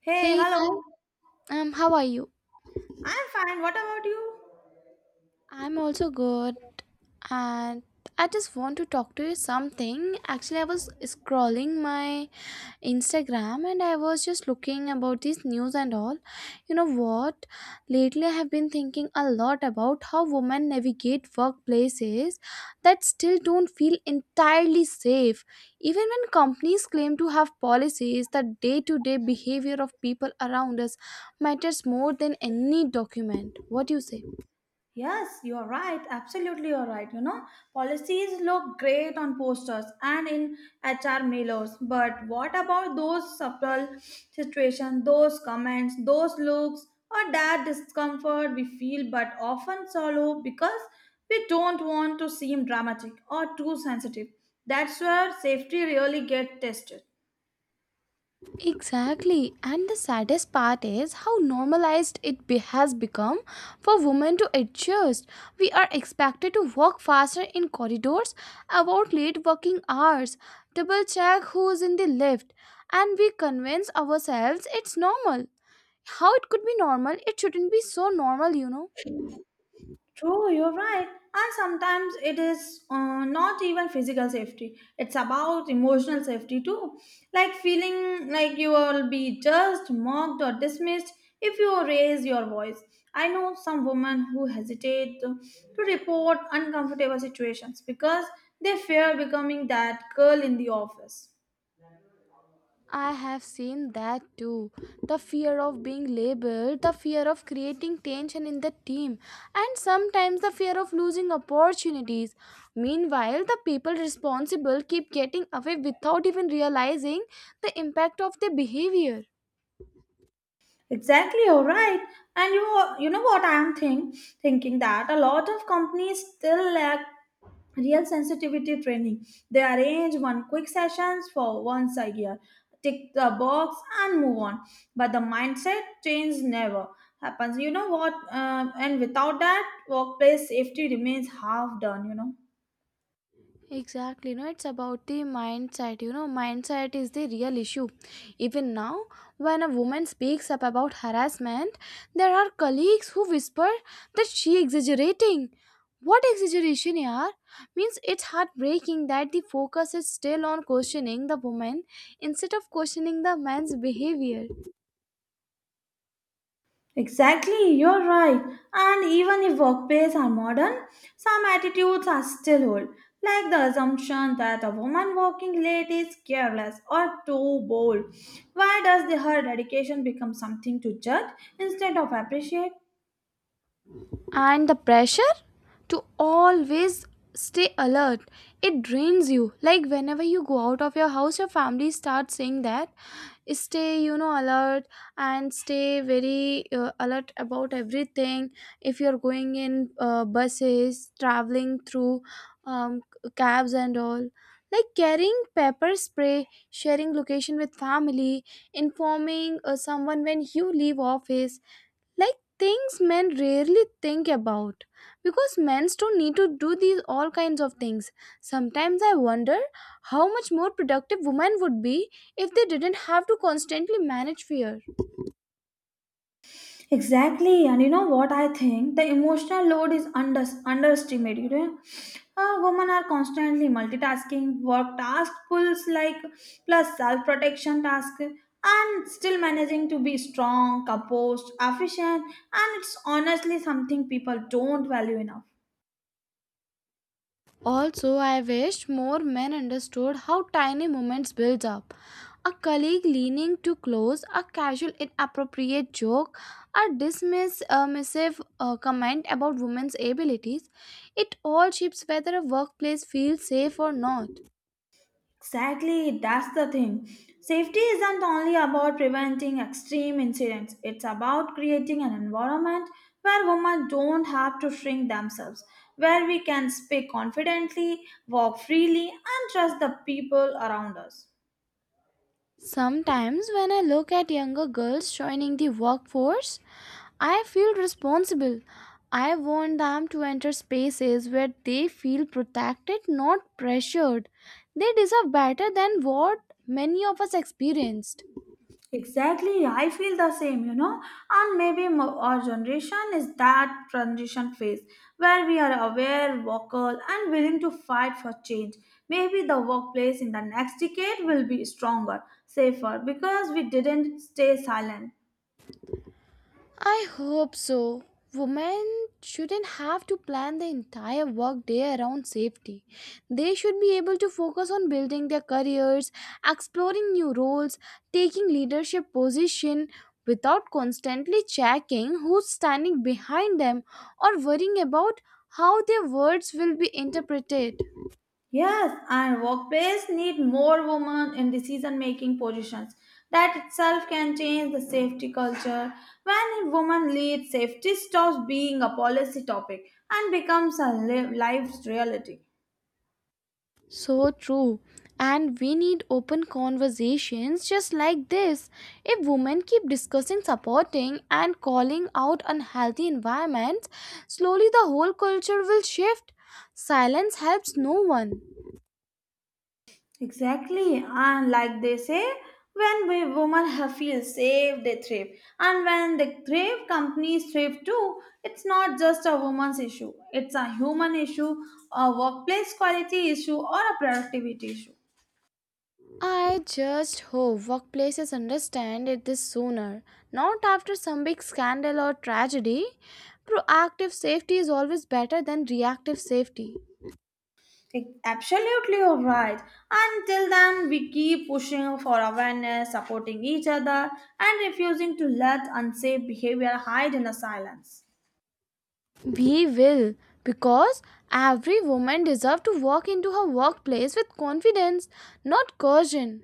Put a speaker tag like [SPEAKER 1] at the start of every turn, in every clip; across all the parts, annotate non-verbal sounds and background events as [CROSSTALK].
[SPEAKER 1] Hey,
[SPEAKER 2] Hey,
[SPEAKER 1] hello.
[SPEAKER 2] hi. How are you?
[SPEAKER 1] I'm fine. What about you?
[SPEAKER 2] I'm also good, and I just want to talk to you something. Actually, I was scrolling my Instagram and I was just looking about this news and all. You know what? Lately I have been thinking a lot about how women navigate workplaces that still don't feel entirely safe. Even when companies claim to have policies, the day to day behavior of people around us matters more than any document. What do you say?
[SPEAKER 1] Yes, you're right. Absolutely, you're right. You know, policies look great on posters and in HR mailers, but what about those subtle situations, those comments, those looks, or that discomfort we feel but often swallow because we don't want to seem dramatic or too sensitive? That's where safety really gets tested.
[SPEAKER 2] Exactly. And the saddest part is how normalized it has become for women to adjust. We are expected to walk faster in corridors, about late working hours, double check who's in the lift, and we convince ourselves it's normal. How it could be normal? It shouldn't be so normal.
[SPEAKER 1] True, you're right. And sometimes it is not even physical safety, it's about emotional safety too. Like feeling like you will be judged, mocked, or dismissed if you raise your voice. I know some women who hesitate to report uncomfortable situations because they fear becoming that girl in the office.
[SPEAKER 2] I have seen that too. The fear of being labeled, the fear of creating tension in the team, and sometimes the fear of losing opportunities. Meanwhile, the people responsible keep getting away without even realizing the impact of their behavior.
[SPEAKER 1] Exactly, you're right. And you know what I'm thinking that a lot of companies still lack real sensitivity training. They arrange one quick sessions for once a year, tick the box and move on. But the mindset change never happens. You know what? And without that, workplace safety remains half done. You know.
[SPEAKER 2] Exactly, no, it's about the mindset. Mindset is the real issue. Even now, when a woman speaks up about harassment, there are colleagues who whisper that she exaggerating. What exaggeration, yaar? Means it's heartbreaking that the focus is still on questioning the woman instead of questioning the man's behavior.
[SPEAKER 1] Exactly, you're right. And even if workplaces are modern, some attitudes are still old, like the assumption that a woman working late is careless or too bold. Why does her dedication become something to judge instead of appreciate?
[SPEAKER 2] And the pressure to always stay alert, it drains you. Like, whenever you go out of your house, your family starts saying that stay, alert, and stay very alert about everything. If you're going in buses, traveling through um, cabs and all, like carrying pepper spray, sharing location with family, informing someone when you leave office, like things men rarely think about, because men don't need to do these all kinds of things. Sometimes I wonder how much more productive women would be if they didn't have to constantly manage fear.
[SPEAKER 1] Exactly, and you know what I think? The emotional load is underestimated. Women are constantly multitasking, work task pulls like plus self protection task, and still managing to be strong, composed, efficient, and it's honestly something people don't value enough.
[SPEAKER 2] Also, I wish more men understood how tiny moments build up: a colleague leaning too close, a casual inappropriate joke, a dismissive comment about women's abilities. It all shapes whether a workplace feels safe or not.
[SPEAKER 1] Exactly, that's the thing. Safety isn't only about preventing extreme incidents, it's about creating an environment where women don't have to shrink themselves, where we can speak confidently, walk freely, and trust the people around us.
[SPEAKER 2] Sometimes, when I look at younger girls joining the workforce, I feel responsible. I want them to enter spaces where they feel protected, not pressured. They deserve better than what many of us experienced.
[SPEAKER 1] Exactly, I feel the same, you know. And maybe our generation is that transition phase where we are aware, vocal, and willing to fight for change. Maybe the workplace in the next decade will be stronger, safer, because we didn't stay silent.
[SPEAKER 2] I hope so. Women shouldn't have to plan the entire workday around safety. They should be able to focus on building their careers, exploring new roles, taking leadership position without constantly checking who's standing behind them or worrying about how their words will be interpreted.
[SPEAKER 1] Yes, and workplace need more women in decision-making positions. That itself can change the safety culture. When women lead, safety stops being a policy topic and becomes a life's reality.
[SPEAKER 2] So true. And we need open conversations just like this. If women keep discussing supporting and calling out unhealthy environments, slowly the whole culture will shift. Silence helps no one.
[SPEAKER 1] Exactly, and like they say, when we women have feel safe, they thrive, and when they thrive, companies thrive too. It's not just a woman's issue; it's a human issue, a workplace quality issue, or a productivity issue.
[SPEAKER 2] I just hope workplaces understand it this sooner, not after some big scandal or tragedy. Proactive safety is always better than reactive safety.
[SPEAKER 1] Absolutely, you're right. Until then, we keep pushing for awareness, supporting each other, and refusing to let unsafe behavior hide in the silence.
[SPEAKER 2] We will, because every woman deserves to walk into her workplace with confidence, not caution.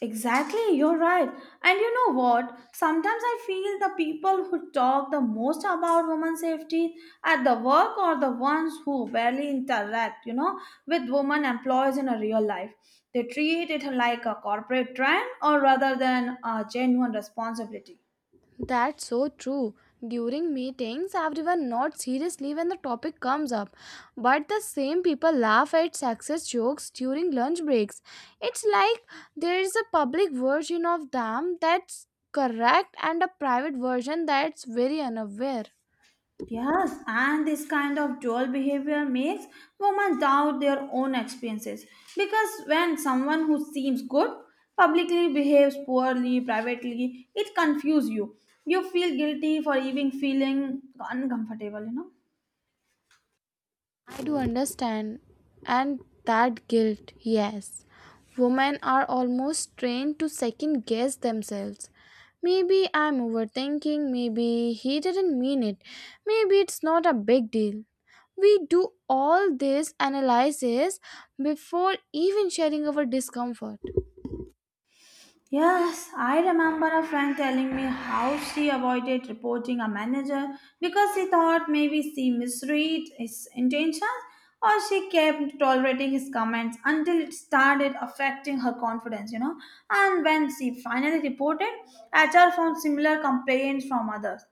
[SPEAKER 1] Exactly, you're right. And you know what? Sometimes I feel the people who talk the most about women's safety at the work are the ones who barely interact, you know, with women employees in a real life. They treat it like a corporate trend or rather than a genuine responsibility.
[SPEAKER 2] That's so true. During meetings, everyone nods seriously when the topic comes up, but the same people laugh at sexist jokes during lunch breaks. It's like there is a public version of them that's correct and a private version that's very unaware.
[SPEAKER 1] Yes, and this kind of dual behavior makes women doubt their own experiences because when someone who seems good publicly behaves poorly privately, it confuses you. You feel guilty for even feeling uncomfortable, you know.
[SPEAKER 2] I do understand. And that guilt, yes. Women are almost trained to second guess themselves. Maybe I'm overthinking, maybe he didn't mean it, maybe it's not a big deal. We do all this analysis before even sharing our discomfort.
[SPEAKER 1] Yes, I remember a friend telling me how she avoided reporting a manager because she thought maybe she misread his intentions or she kept tolerating his comments until it started affecting her confidence, you know. And when she finally reported, HR found similar complaints from others.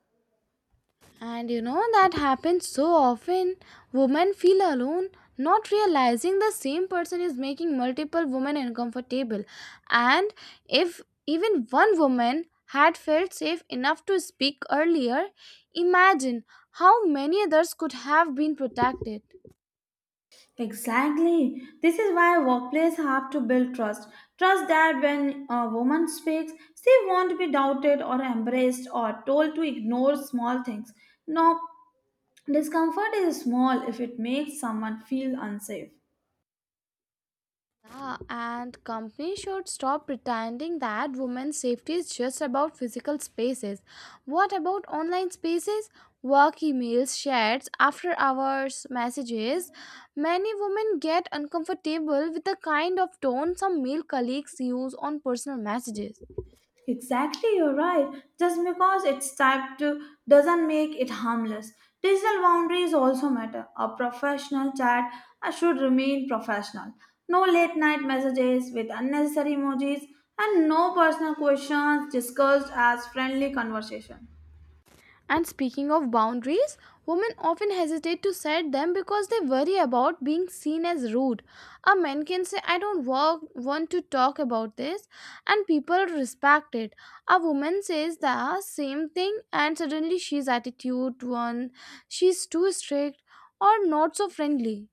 [SPEAKER 2] And you know that happens so often. Women feel alone, not realizing the same person is making multiple women uncomfortable. And if even one woman had felt safe enough to speak earlier, imagine how many others could have been protected.
[SPEAKER 1] Exactly. This is why workplace have to build trust. Trust that when a woman speaks, she won't be doubted or embraced or told to ignore small things. No, discomfort is small if it makes someone feel unsafe.
[SPEAKER 2] Yeah, and companies should stop pretending that women's safety is just about physical spaces. What about online spaces? Work emails, chats, after hours messages. Many women get uncomfortable with the kind of tone some male colleagues use on personal messages.
[SPEAKER 1] Exactly, you're right. Just because it's typed to doesn't make it harmless. Digital boundaries also matter. A professional chat should remain professional. No late night messages with unnecessary emojis and no personal questions discussed as friendly conversation.
[SPEAKER 2] And speaking of boundaries, women often hesitate to set them because they worry about being seen as rude. A man can say, I don't want to talk about this, and people respect it. A woman says the same thing, and suddenly she's attitude one, she's too strict, or not so friendly.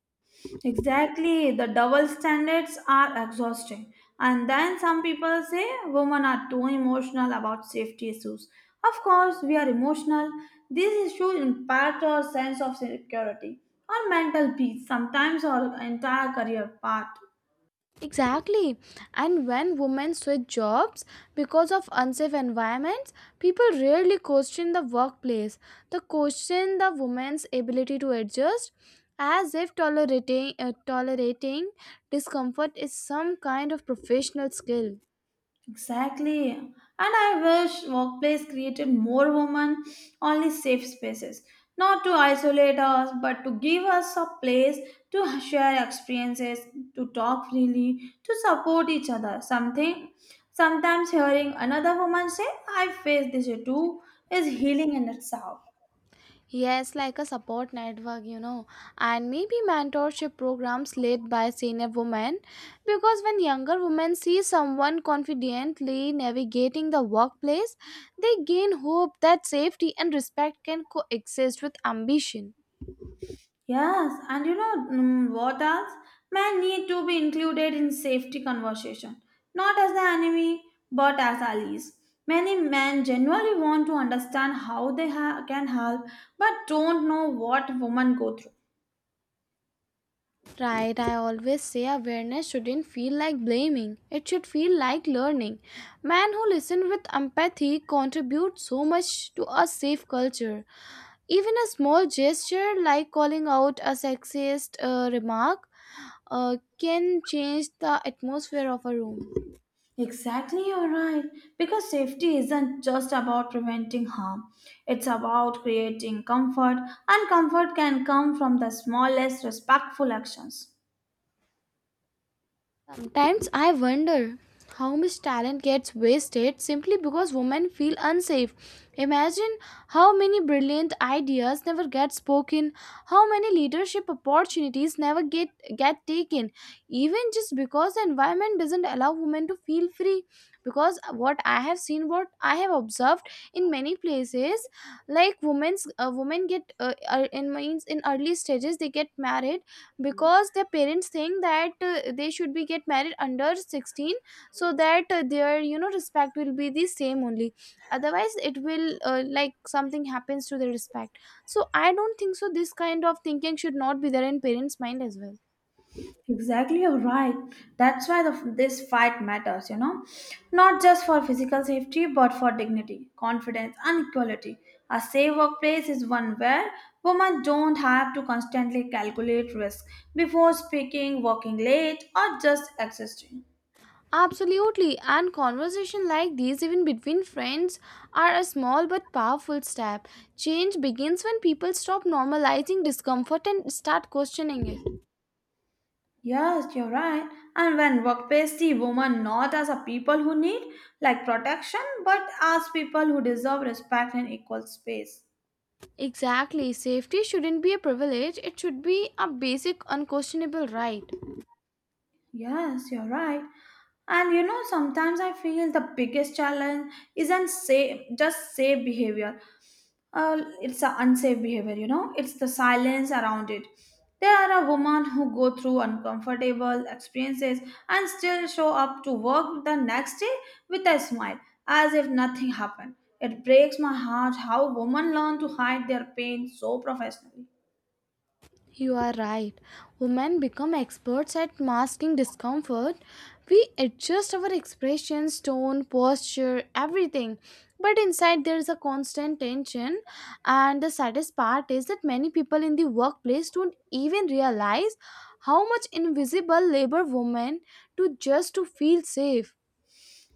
[SPEAKER 1] Exactly, the double standards are exhausting. And then some people say women are too emotional about safety issues. Of course, we are emotional. These issues impact our sense of security, our mental peace, sometimes our entire career path.
[SPEAKER 2] Exactly. And when women switch jobs because of unsafe environments, people rarely question the workplace. They question the woman's ability to adjust, as if tolerating discomfort is some kind of professional skill.
[SPEAKER 1] Exactly. And I wish workplace created more women only safe spaces, not to isolate us, but to give us a place to share experiences, to talk freely, to support each other. Something sometimes hearing another woman say, I face this too is healing in itself.
[SPEAKER 2] Yes, like a support network, and maybe mentorship programs led by senior women. Because when younger women see someone confidently navigating the workplace, they gain hope that safety and respect can coexist with ambition.
[SPEAKER 1] Yes, and you know, what else? Men need to be included in safety conversation, not as the enemy, but as allies. Many men genuinely want to understand how they can help, but don't know what women go through.
[SPEAKER 2] Right, I always say awareness shouldn't feel like blaming, it should feel like learning. Men who listen with empathy contribute so much to a safe culture. Even a small gesture like calling out a sexist remark can change the atmosphere of a room.
[SPEAKER 1] Exactly, you're right. Because safety isn't just about preventing harm, it's about creating comfort, and comfort can come from the smallest respectful actions.
[SPEAKER 2] Sometimes I wonder how much talent gets wasted simply because women feel unsafe. Imagine how many brilliant ideas never get spoken, how many leadership opportunities never get taken, even just because the environment doesn't allow women to feel free. Because what I have seen, what I have observed in many places, like women get in means in early stages they get married, because their parents think that they should be get married under 16, so that their respect will be the same only, otherwise it will like something happens to the respect. So I don't think so this kind of thinking should not be there in parents mind as well.
[SPEAKER 1] Exactly, you're right. That's why this fight matters, you know, not just for physical safety, but for dignity, confidence, and equality. A safe workplace is one where women don't have to constantly calculate risk before speaking, working late, or just existing.
[SPEAKER 2] Absolutely, and conversation like these, even between friends, are a small but powerful step. Change begins when people stop normalizing discomfort and start questioning it.
[SPEAKER 1] Yes, you're right. And when workplace see women not as a people who need like protection, but as people who deserve respect and equal space.
[SPEAKER 2] Exactly. Safety shouldn't be a privilege, it should be a basic, unquestionable right.
[SPEAKER 1] Yes, you're right. And you know, sometimes I feel the biggest challenge isn't say just safe behavior. It's the unsafe behavior, you know, it's the silence around it. There are a woman who go through uncomfortable experiences and still show up to work the next day with a smile, as if nothing happened. It breaks my heart how women learn to hide their pain so professionally.
[SPEAKER 2] You are right. Women become experts at masking discomfort. We adjust our expressions, tone, posture, everything. But inside, there is a constant tension. And the saddest part is that many people in the workplace don't even realize how much invisible labor women do just to feel safe.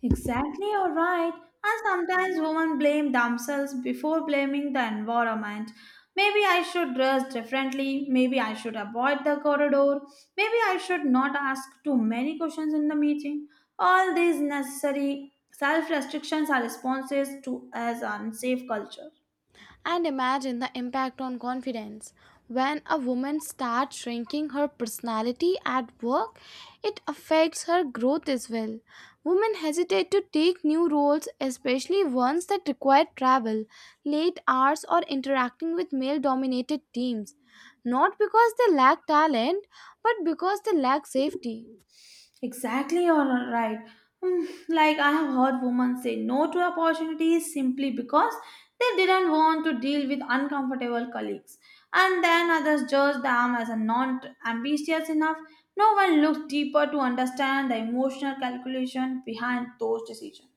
[SPEAKER 1] Exactly, you're right. And sometimes women blame themselves before blaming the environment. Maybe I should dress differently. Maybe I should avoid the corridor. Maybe I should not ask too many questions in the meeting. All these necessary self restrictions are responses to as unsafe culture.
[SPEAKER 2] And imagine the impact on confidence. When a woman starts shrinking her personality at work, it affects her growth as well. Women hesitate to take new roles, especially ones that require travel, late hours, or interacting with male dominated teams. Not because they lack talent, but because they lack safety.
[SPEAKER 1] Exactly, you're right. Like I have heard women say no to opportunities simply because they didn't want to deal with uncomfortable colleagues, and then others judge them as a not ambitious enough. No one looks deeper to understand the emotional calculation behind those decisions.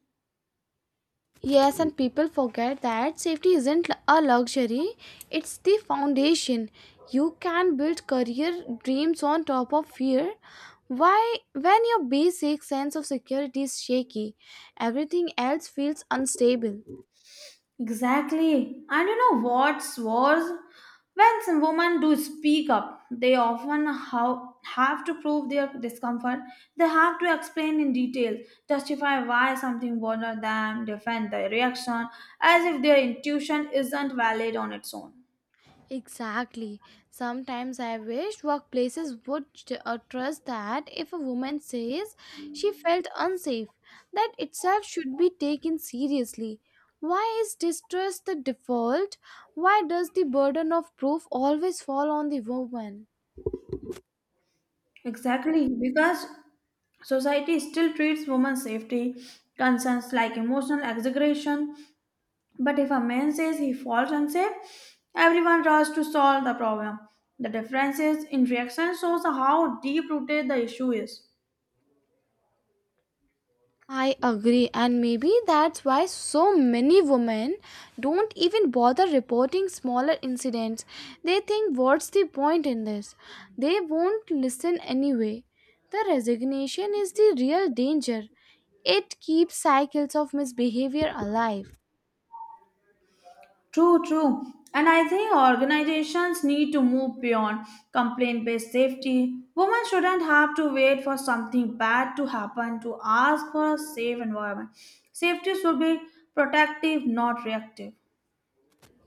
[SPEAKER 2] Yes, and people forget that safety isn't a luxury, it's the foundation. You can build career dreams on top of fear. Why, when your basic sense of security is shaky, everything else feels unstable.
[SPEAKER 1] Exactly. And you know what's worse? When some women do speak up, they often have to prove their discomfort. They have to explain in detail, justify why something bothered them, defend their reaction, as if their intuition isn't valid on its own.
[SPEAKER 2] Exactly. Sometimes I wish workplaces would trust that if a woman says she felt unsafe, that itself should be taken seriously. Why is distrust the default? Why does the burden of proof always fall on the woman?
[SPEAKER 1] Exactly, because society still treats women's safety concerns like emotional exaggeration. But if a man says he falls unsafe, everyone rushes to solve the problem. The differences in reaction shows how deep rooted the issue is.
[SPEAKER 2] I agree, and maybe that's why so many women don't even bother reporting smaller incidents. They think, what's the point in this? They won't listen anyway. The resignation is the real danger, it keeps cycles of misbehavior alive.
[SPEAKER 1] True, true. And I think organizations need to move beyond complaint based safety. Women shouldn't have to wait for something bad to happen to ask for a safe environment. Safety should be protective, not reactive.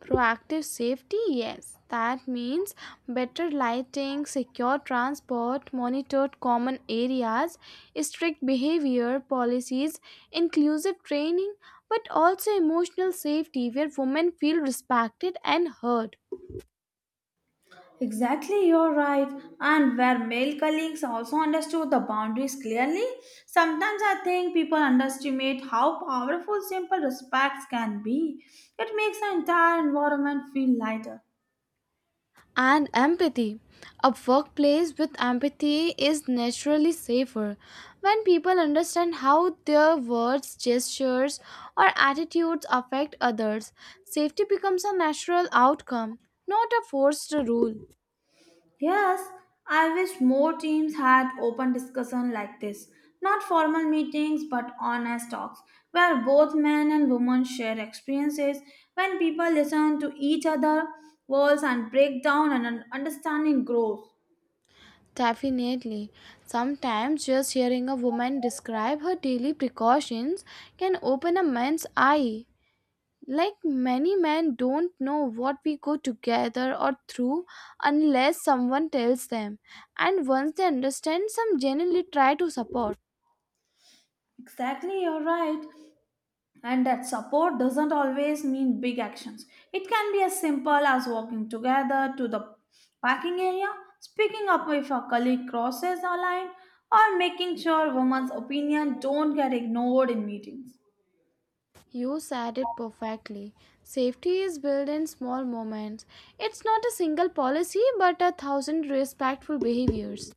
[SPEAKER 2] Proactive safety, yes. That means better lighting, secure transport, monitored common areas, strict behavior policies, inclusive training, but also emotional safety where women feel respected and heard.
[SPEAKER 1] Exactly, you're right. And where male colleagues also understood the boundaries clearly, sometimes I think people underestimate how powerful simple respects can be. It makes the entire environment feel lighter.
[SPEAKER 2] And empathy. A workplace with empathy is naturally safer. When people understand how their words, gestures, or attitudes affect others, safety becomes a natural outcome, not a forced rule.
[SPEAKER 1] Yes, I wish more teams had open discussion like this. Not formal meetings but honest talks where both men and women share experiences. When people listen to each other, walls and break down and an understanding grows.
[SPEAKER 2] Definitely. Sometimes just hearing a woman describe her daily precautions can open a man's eye. Like many men don't know what we go together or through unless someone tells them. And once they understand, some genuinely try to support.
[SPEAKER 1] Exactly, you're right. And that support doesn't always mean big actions. It can be as simple as walking together to the parking area, speaking up if a colleague crosses a line, or making sure women's opinion don't get ignored in meetings.
[SPEAKER 2] You said it perfectly. Safety is built in small moments. It's not a single policy but a thousand respectful behaviors.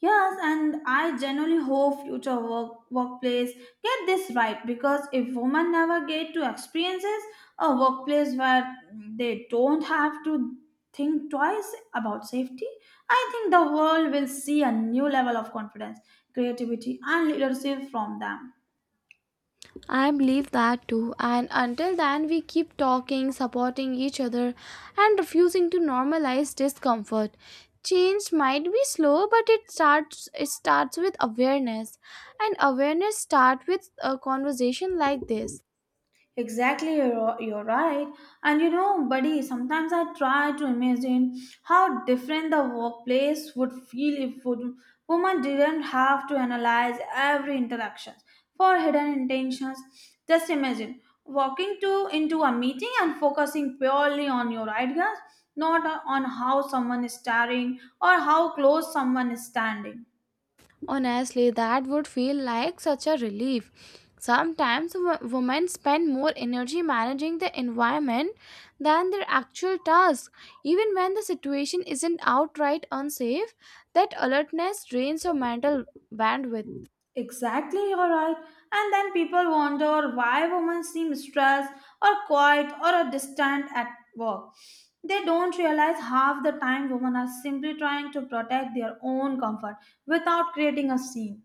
[SPEAKER 1] Yes, and I generally hope future workplace get this right because if women never get to experiences a workplace where they don't have to think twice about safety, I think the world will see a new level of confidence, creativity, and leadership from them.
[SPEAKER 2] I believe that too. And until then, we keep talking, supporting each other, and refusing to normalize discomfort. Change might be slow, but it starts. It starts with awareness, and awareness starts with a conversation like this.
[SPEAKER 1] Exactly, you're right. And you know, buddy, sometimes I try to imagine how different the workplace would feel if women didn't have to analyze every interaction for hidden intentions. Just imagine walking to into a meeting and focusing purely on your ideas, not on how someone is staring or how close someone is standing.
[SPEAKER 2] Honestly, that would feel like such a relief. Sometimes women spend more energy managing the environment than their actual task. Even when the situation isn't outright unsafe, that alertness drains your mental bandwidth.
[SPEAKER 1] Exactly, you're right. And then people wonder why women seem stressed or quiet or distant at work. They don't realize half the time women are simply trying to protect their own comfort without creating a scene.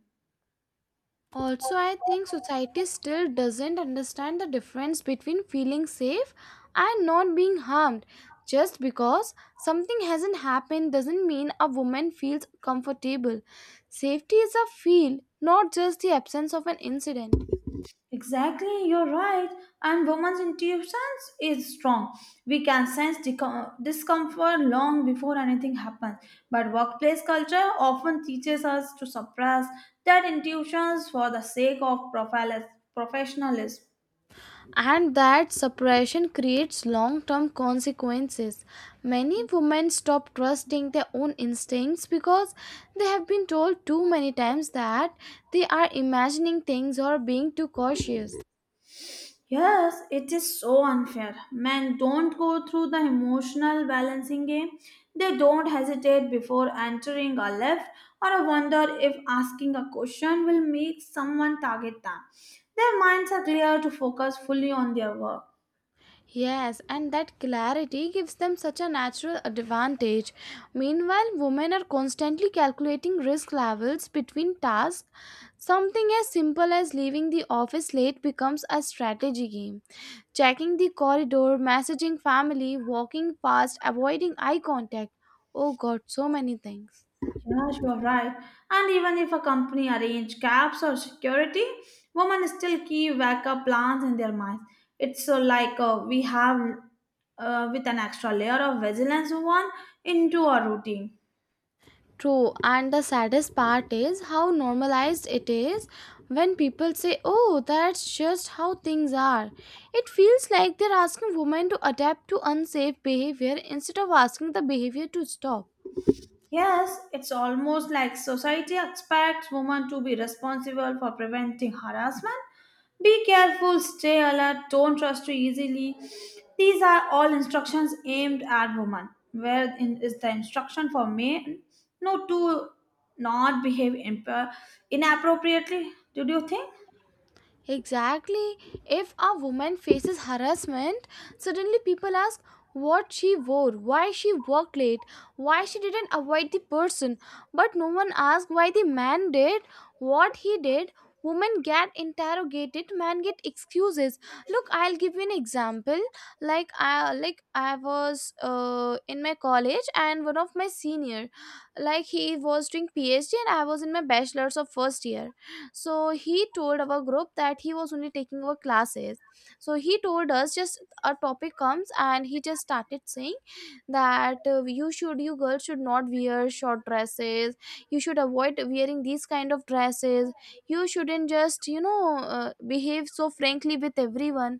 [SPEAKER 2] Also, I think society still doesn't understand the difference between feeling safe and not being harmed. Just because something hasn't happened doesn't mean a woman feels comfortable. Safety is a feel, not just the absence of an incident.
[SPEAKER 1] Exactly, you're right. And women's intuitions is strong. We can sense discomfort long before anything happens. But workplace culture often teaches us to suppress that intuitions for the sake of professionalism.
[SPEAKER 2] And that suppression creates long term consequences. Many women stop trusting their own instincts because they have been told too many times that they are imagining things or being too cautious.
[SPEAKER 1] Yes, it is so unfair. Men don't go through the emotional balancing game. They don't hesitate before entering a lift or wonder if asking a question will make someone target them. Their minds are clear to focus fully on their work.
[SPEAKER 2] Yes, and that clarity gives them such a natural advantage. Meanwhile, women are constantly calculating risk levels between tasks. Something as simple as leaving the office late becomes a strategy game. Checking the corridor, messaging family, walking past, avoiding eye contact. Oh god, so many things.
[SPEAKER 1] Yeah, you're right. And even if a company arrange caps or security, women still keep backup plans in their minds. It's so like we have with an extra layer of vigilance one into our routine.
[SPEAKER 2] True, and the saddest part is how normalized it is when people say, "Oh, that's just how things are." It feels like they're asking women to adapt to unsafe behavior instead of asking the behavior to stop.
[SPEAKER 1] Yes, it's almost like society expects women to be responsible for preventing harassment. Be careful, stay alert, don't trust too easily. These are all instructions aimed at women. Where in is the instruction for men? No, to not behave inappropriately. Did you think?
[SPEAKER 2] Exactly. If a woman faces harassment, suddenly people ask what she wore, why she worked late, why she didn't avoid the person. But no one asks why the man did what he did. Women get interrogated, man get excuses. Look, I'll give you an example. I was in my college and one of my senior, like he was doing PhD and I was in my bachelor's of first year, so he told our group that he was only taking our classes. So he told us, just a topic comes and he just started saying that you girls should not wear short dresses, you should avoid wearing these kind of dresses, you shouldn't just behave so frankly with everyone.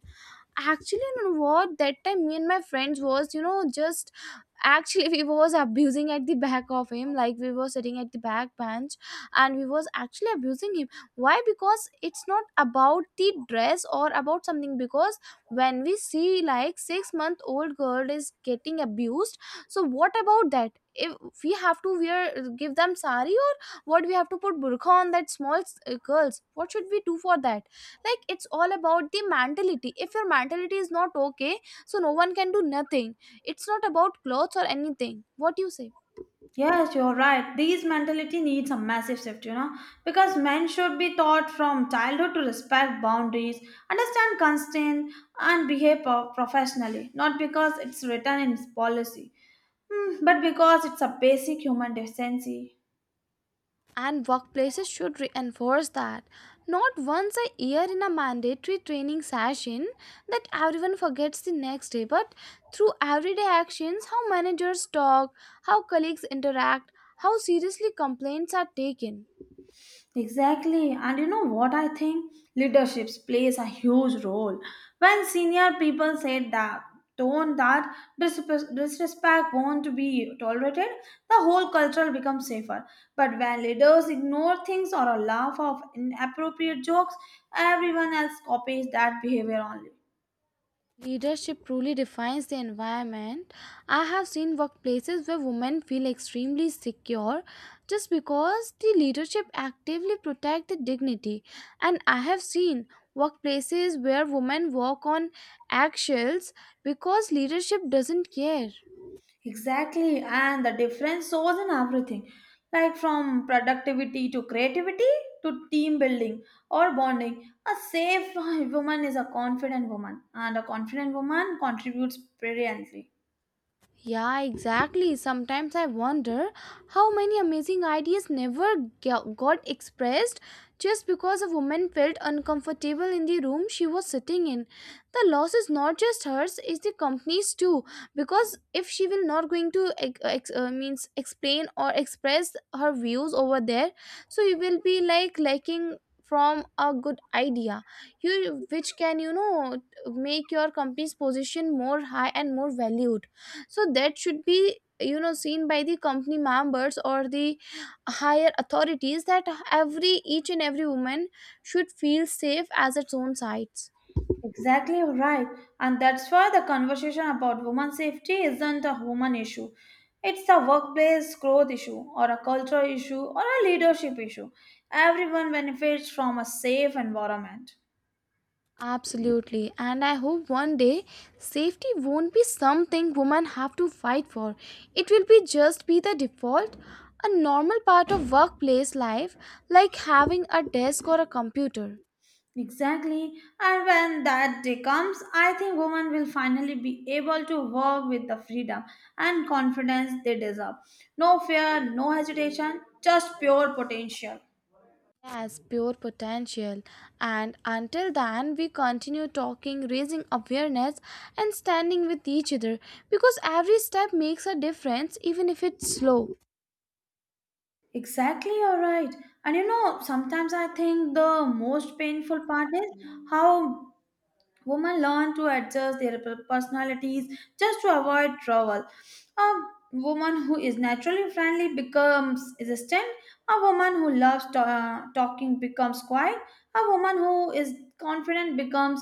[SPEAKER 2] Actually, you know what, that time me and my friends was just actually we was abusing at the back of him, like we were sitting at the back bench and we was actually abusing him. Why? Because it's not about the dress or about something, because when we see like 6 month old girl is getting abused, so what about that? If we have to wear, give them sari, or what, we have to put burqa on that small girls? What should we do for that? Like it's all about the mentality. If your mentality is not okay, so no one can do nothing. It's not about clothes or anything. What do you say?
[SPEAKER 1] Yes, you're right. These mentality needs a massive shift, you know, because men should be taught from childhood to respect boundaries, understand constraint, and behave professionally, not because it's written in policy, but because it's a basic human decency.
[SPEAKER 2] And workplaces should reinforce that. Not once a year in a mandatory training session that everyone forgets the next day, but through everyday actions, how managers talk, how colleagues interact, how seriously complaints are taken.
[SPEAKER 1] Exactly. And you know what I think? Leadership plays a huge role. When senior people said that tone that disrespect won't be tolerated, the whole culture becomes safer. But when leaders ignore things or laugh off inappropriate jokes, everyone else copies that behavior only.
[SPEAKER 2] Leadership truly defines the environment. I have seen workplaces where women feel extremely secure just because the leadership actively protect their dignity. And I have seen workplaces where women walk on eggshells because leadership doesn't care.
[SPEAKER 1] Exactly, and the difference shows in everything like from productivity to creativity to team building or bonding. A safe [LAUGHS] woman is a confident woman, and a confident woman contributes brilliantly.
[SPEAKER 2] Yeah, exactly. Sometimes I wonder how many amazing ideas never got expressed just because a woman felt uncomfortable in the room she was sitting in. The loss is not just hers, it's the company's too. Because if she will not going to ex- ex- means explain or express her views over there, so you will be like lacking from a good idea, you which can make your company's position more high and more valued. So that should be seen by the company members or the higher authorities, that every each and every woman should feel safe as its own sites.
[SPEAKER 1] Exactly right, and that's why the conversation about woman safety isn't a human issue. It's a workplace growth issue, or a cultural issue, or a leadership issue. Everyone benefits from a safe environment.
[SPEAKER 2] Absolutely. And I hope one day safety won't be something women have to fight for. It will be just be the default, a normal part of workplace life, like having a desk or a computer.
[SPEAKER 1] Exactly. And when that day comes, I think women will finally be able to work with the freedom and confidence they deserve. No fear, no hesitation, just pure potential.
[SPEAKER 2] Yes, pure potential. And until then, we continue talking, raising awareness, and standing with each other, because every step makes a difference, even if it's slow.
[SPEAKER 1] Exactly, you're right. And you know, sometimes I think the most painful part is how women learn to adjust their personalities just to avoid trouble. A woman who is naturally friendly becomes resistant. A woman who loves talking becomes quiet. A woman who is confident becomes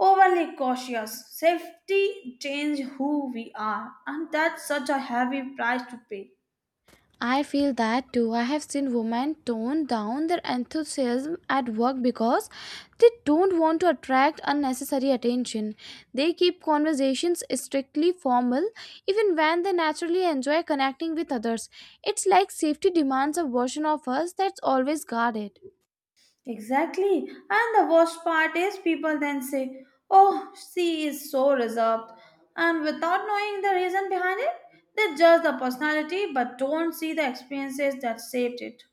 [SPEAKER 1] overly cautious. Safety changes who we are, and that's such a heavy price to pay.
[SPEAKER 2] I feel that too. I have seen women tone down their enthusiasm at work because they don't want to attract unnecessary attention. They keep conversations strictly formal even when they naturally enjoy connecting with others. It's like safety demands a version of us that's always guarded.
[SPEAKER 1] Exactly. And the worst part is people then say, oh, she is so reserved. And without knowing the reason behind it, they judge the personality but don't see the experiences that shaped it.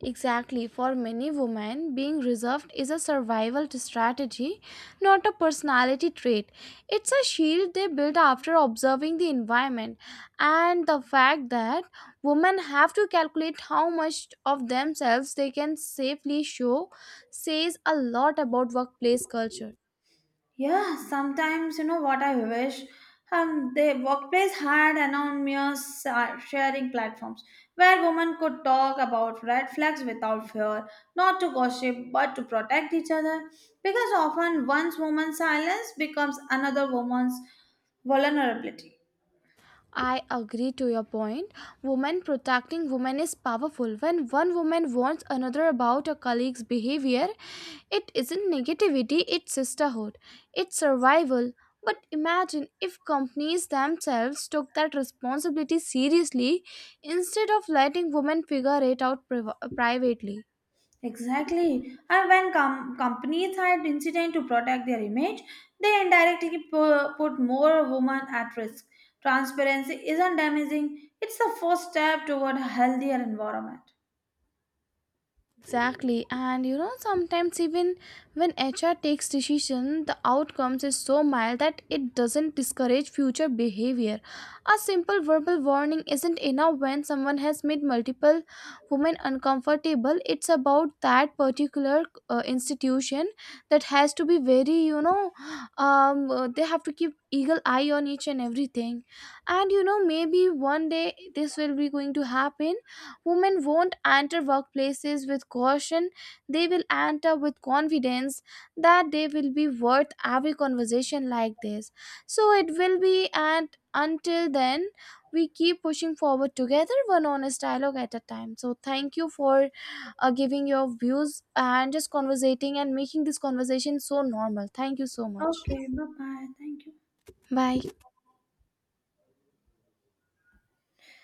[SPEAKER 2] Exactly. For many women, being reserved is a survival strategy, not a personality trait. It's a shield they build after observing the environment. And the fact that women have to calculate how much of themselves they can safely show says a lot about workplace culture.
[SPEAKER 1] Yeah, sometimes you know what I wish. The workplace had anonymous sharing platforms where women could talk about red flags without fear, not to gossip but to protect each other. Because often one's woman's silence becomes another woman's vulnerability.
[SPEAKER 2] I agree to your point. Women protecting women is powerful. When one woman warns another about a colleague's behavior, it isn't negativity, it's sisterhood. It's survival. But imagine if companies themselves took that responsibility seriously instead of letting women figure it out privately.
[SPEAKER 1] Exactly. And when companies hide incident to protect their image, they indirectly put more women at risk. Transparency isn't damaging, it's the first step toward a healthier environment.
[SPEAKER 2] Exactly. And you know, sometimes even when HR takes decision, the outcomes is so mild that it doesn't discourage future behavior. A simple verbal warning isn't enough when someone has made multiple women uncomfortable. It's about that particular institution that has to be very, you know, they have to keep eagle eye on each and everything. And you know, maybe one day this will be going to happen. Women won't enter workplaces with caution, they will enter with confidence that they will be worth every conversation like this. So it will be, and until then, we keep pushing forward together, one honest dialogue at a time. So thank you for giving your views and just conversating and making this conversation so normal. Thank you so much.
[SPEAKER 1] Okay, bye bye. Thank you.
[SPEAKER 2] Bye.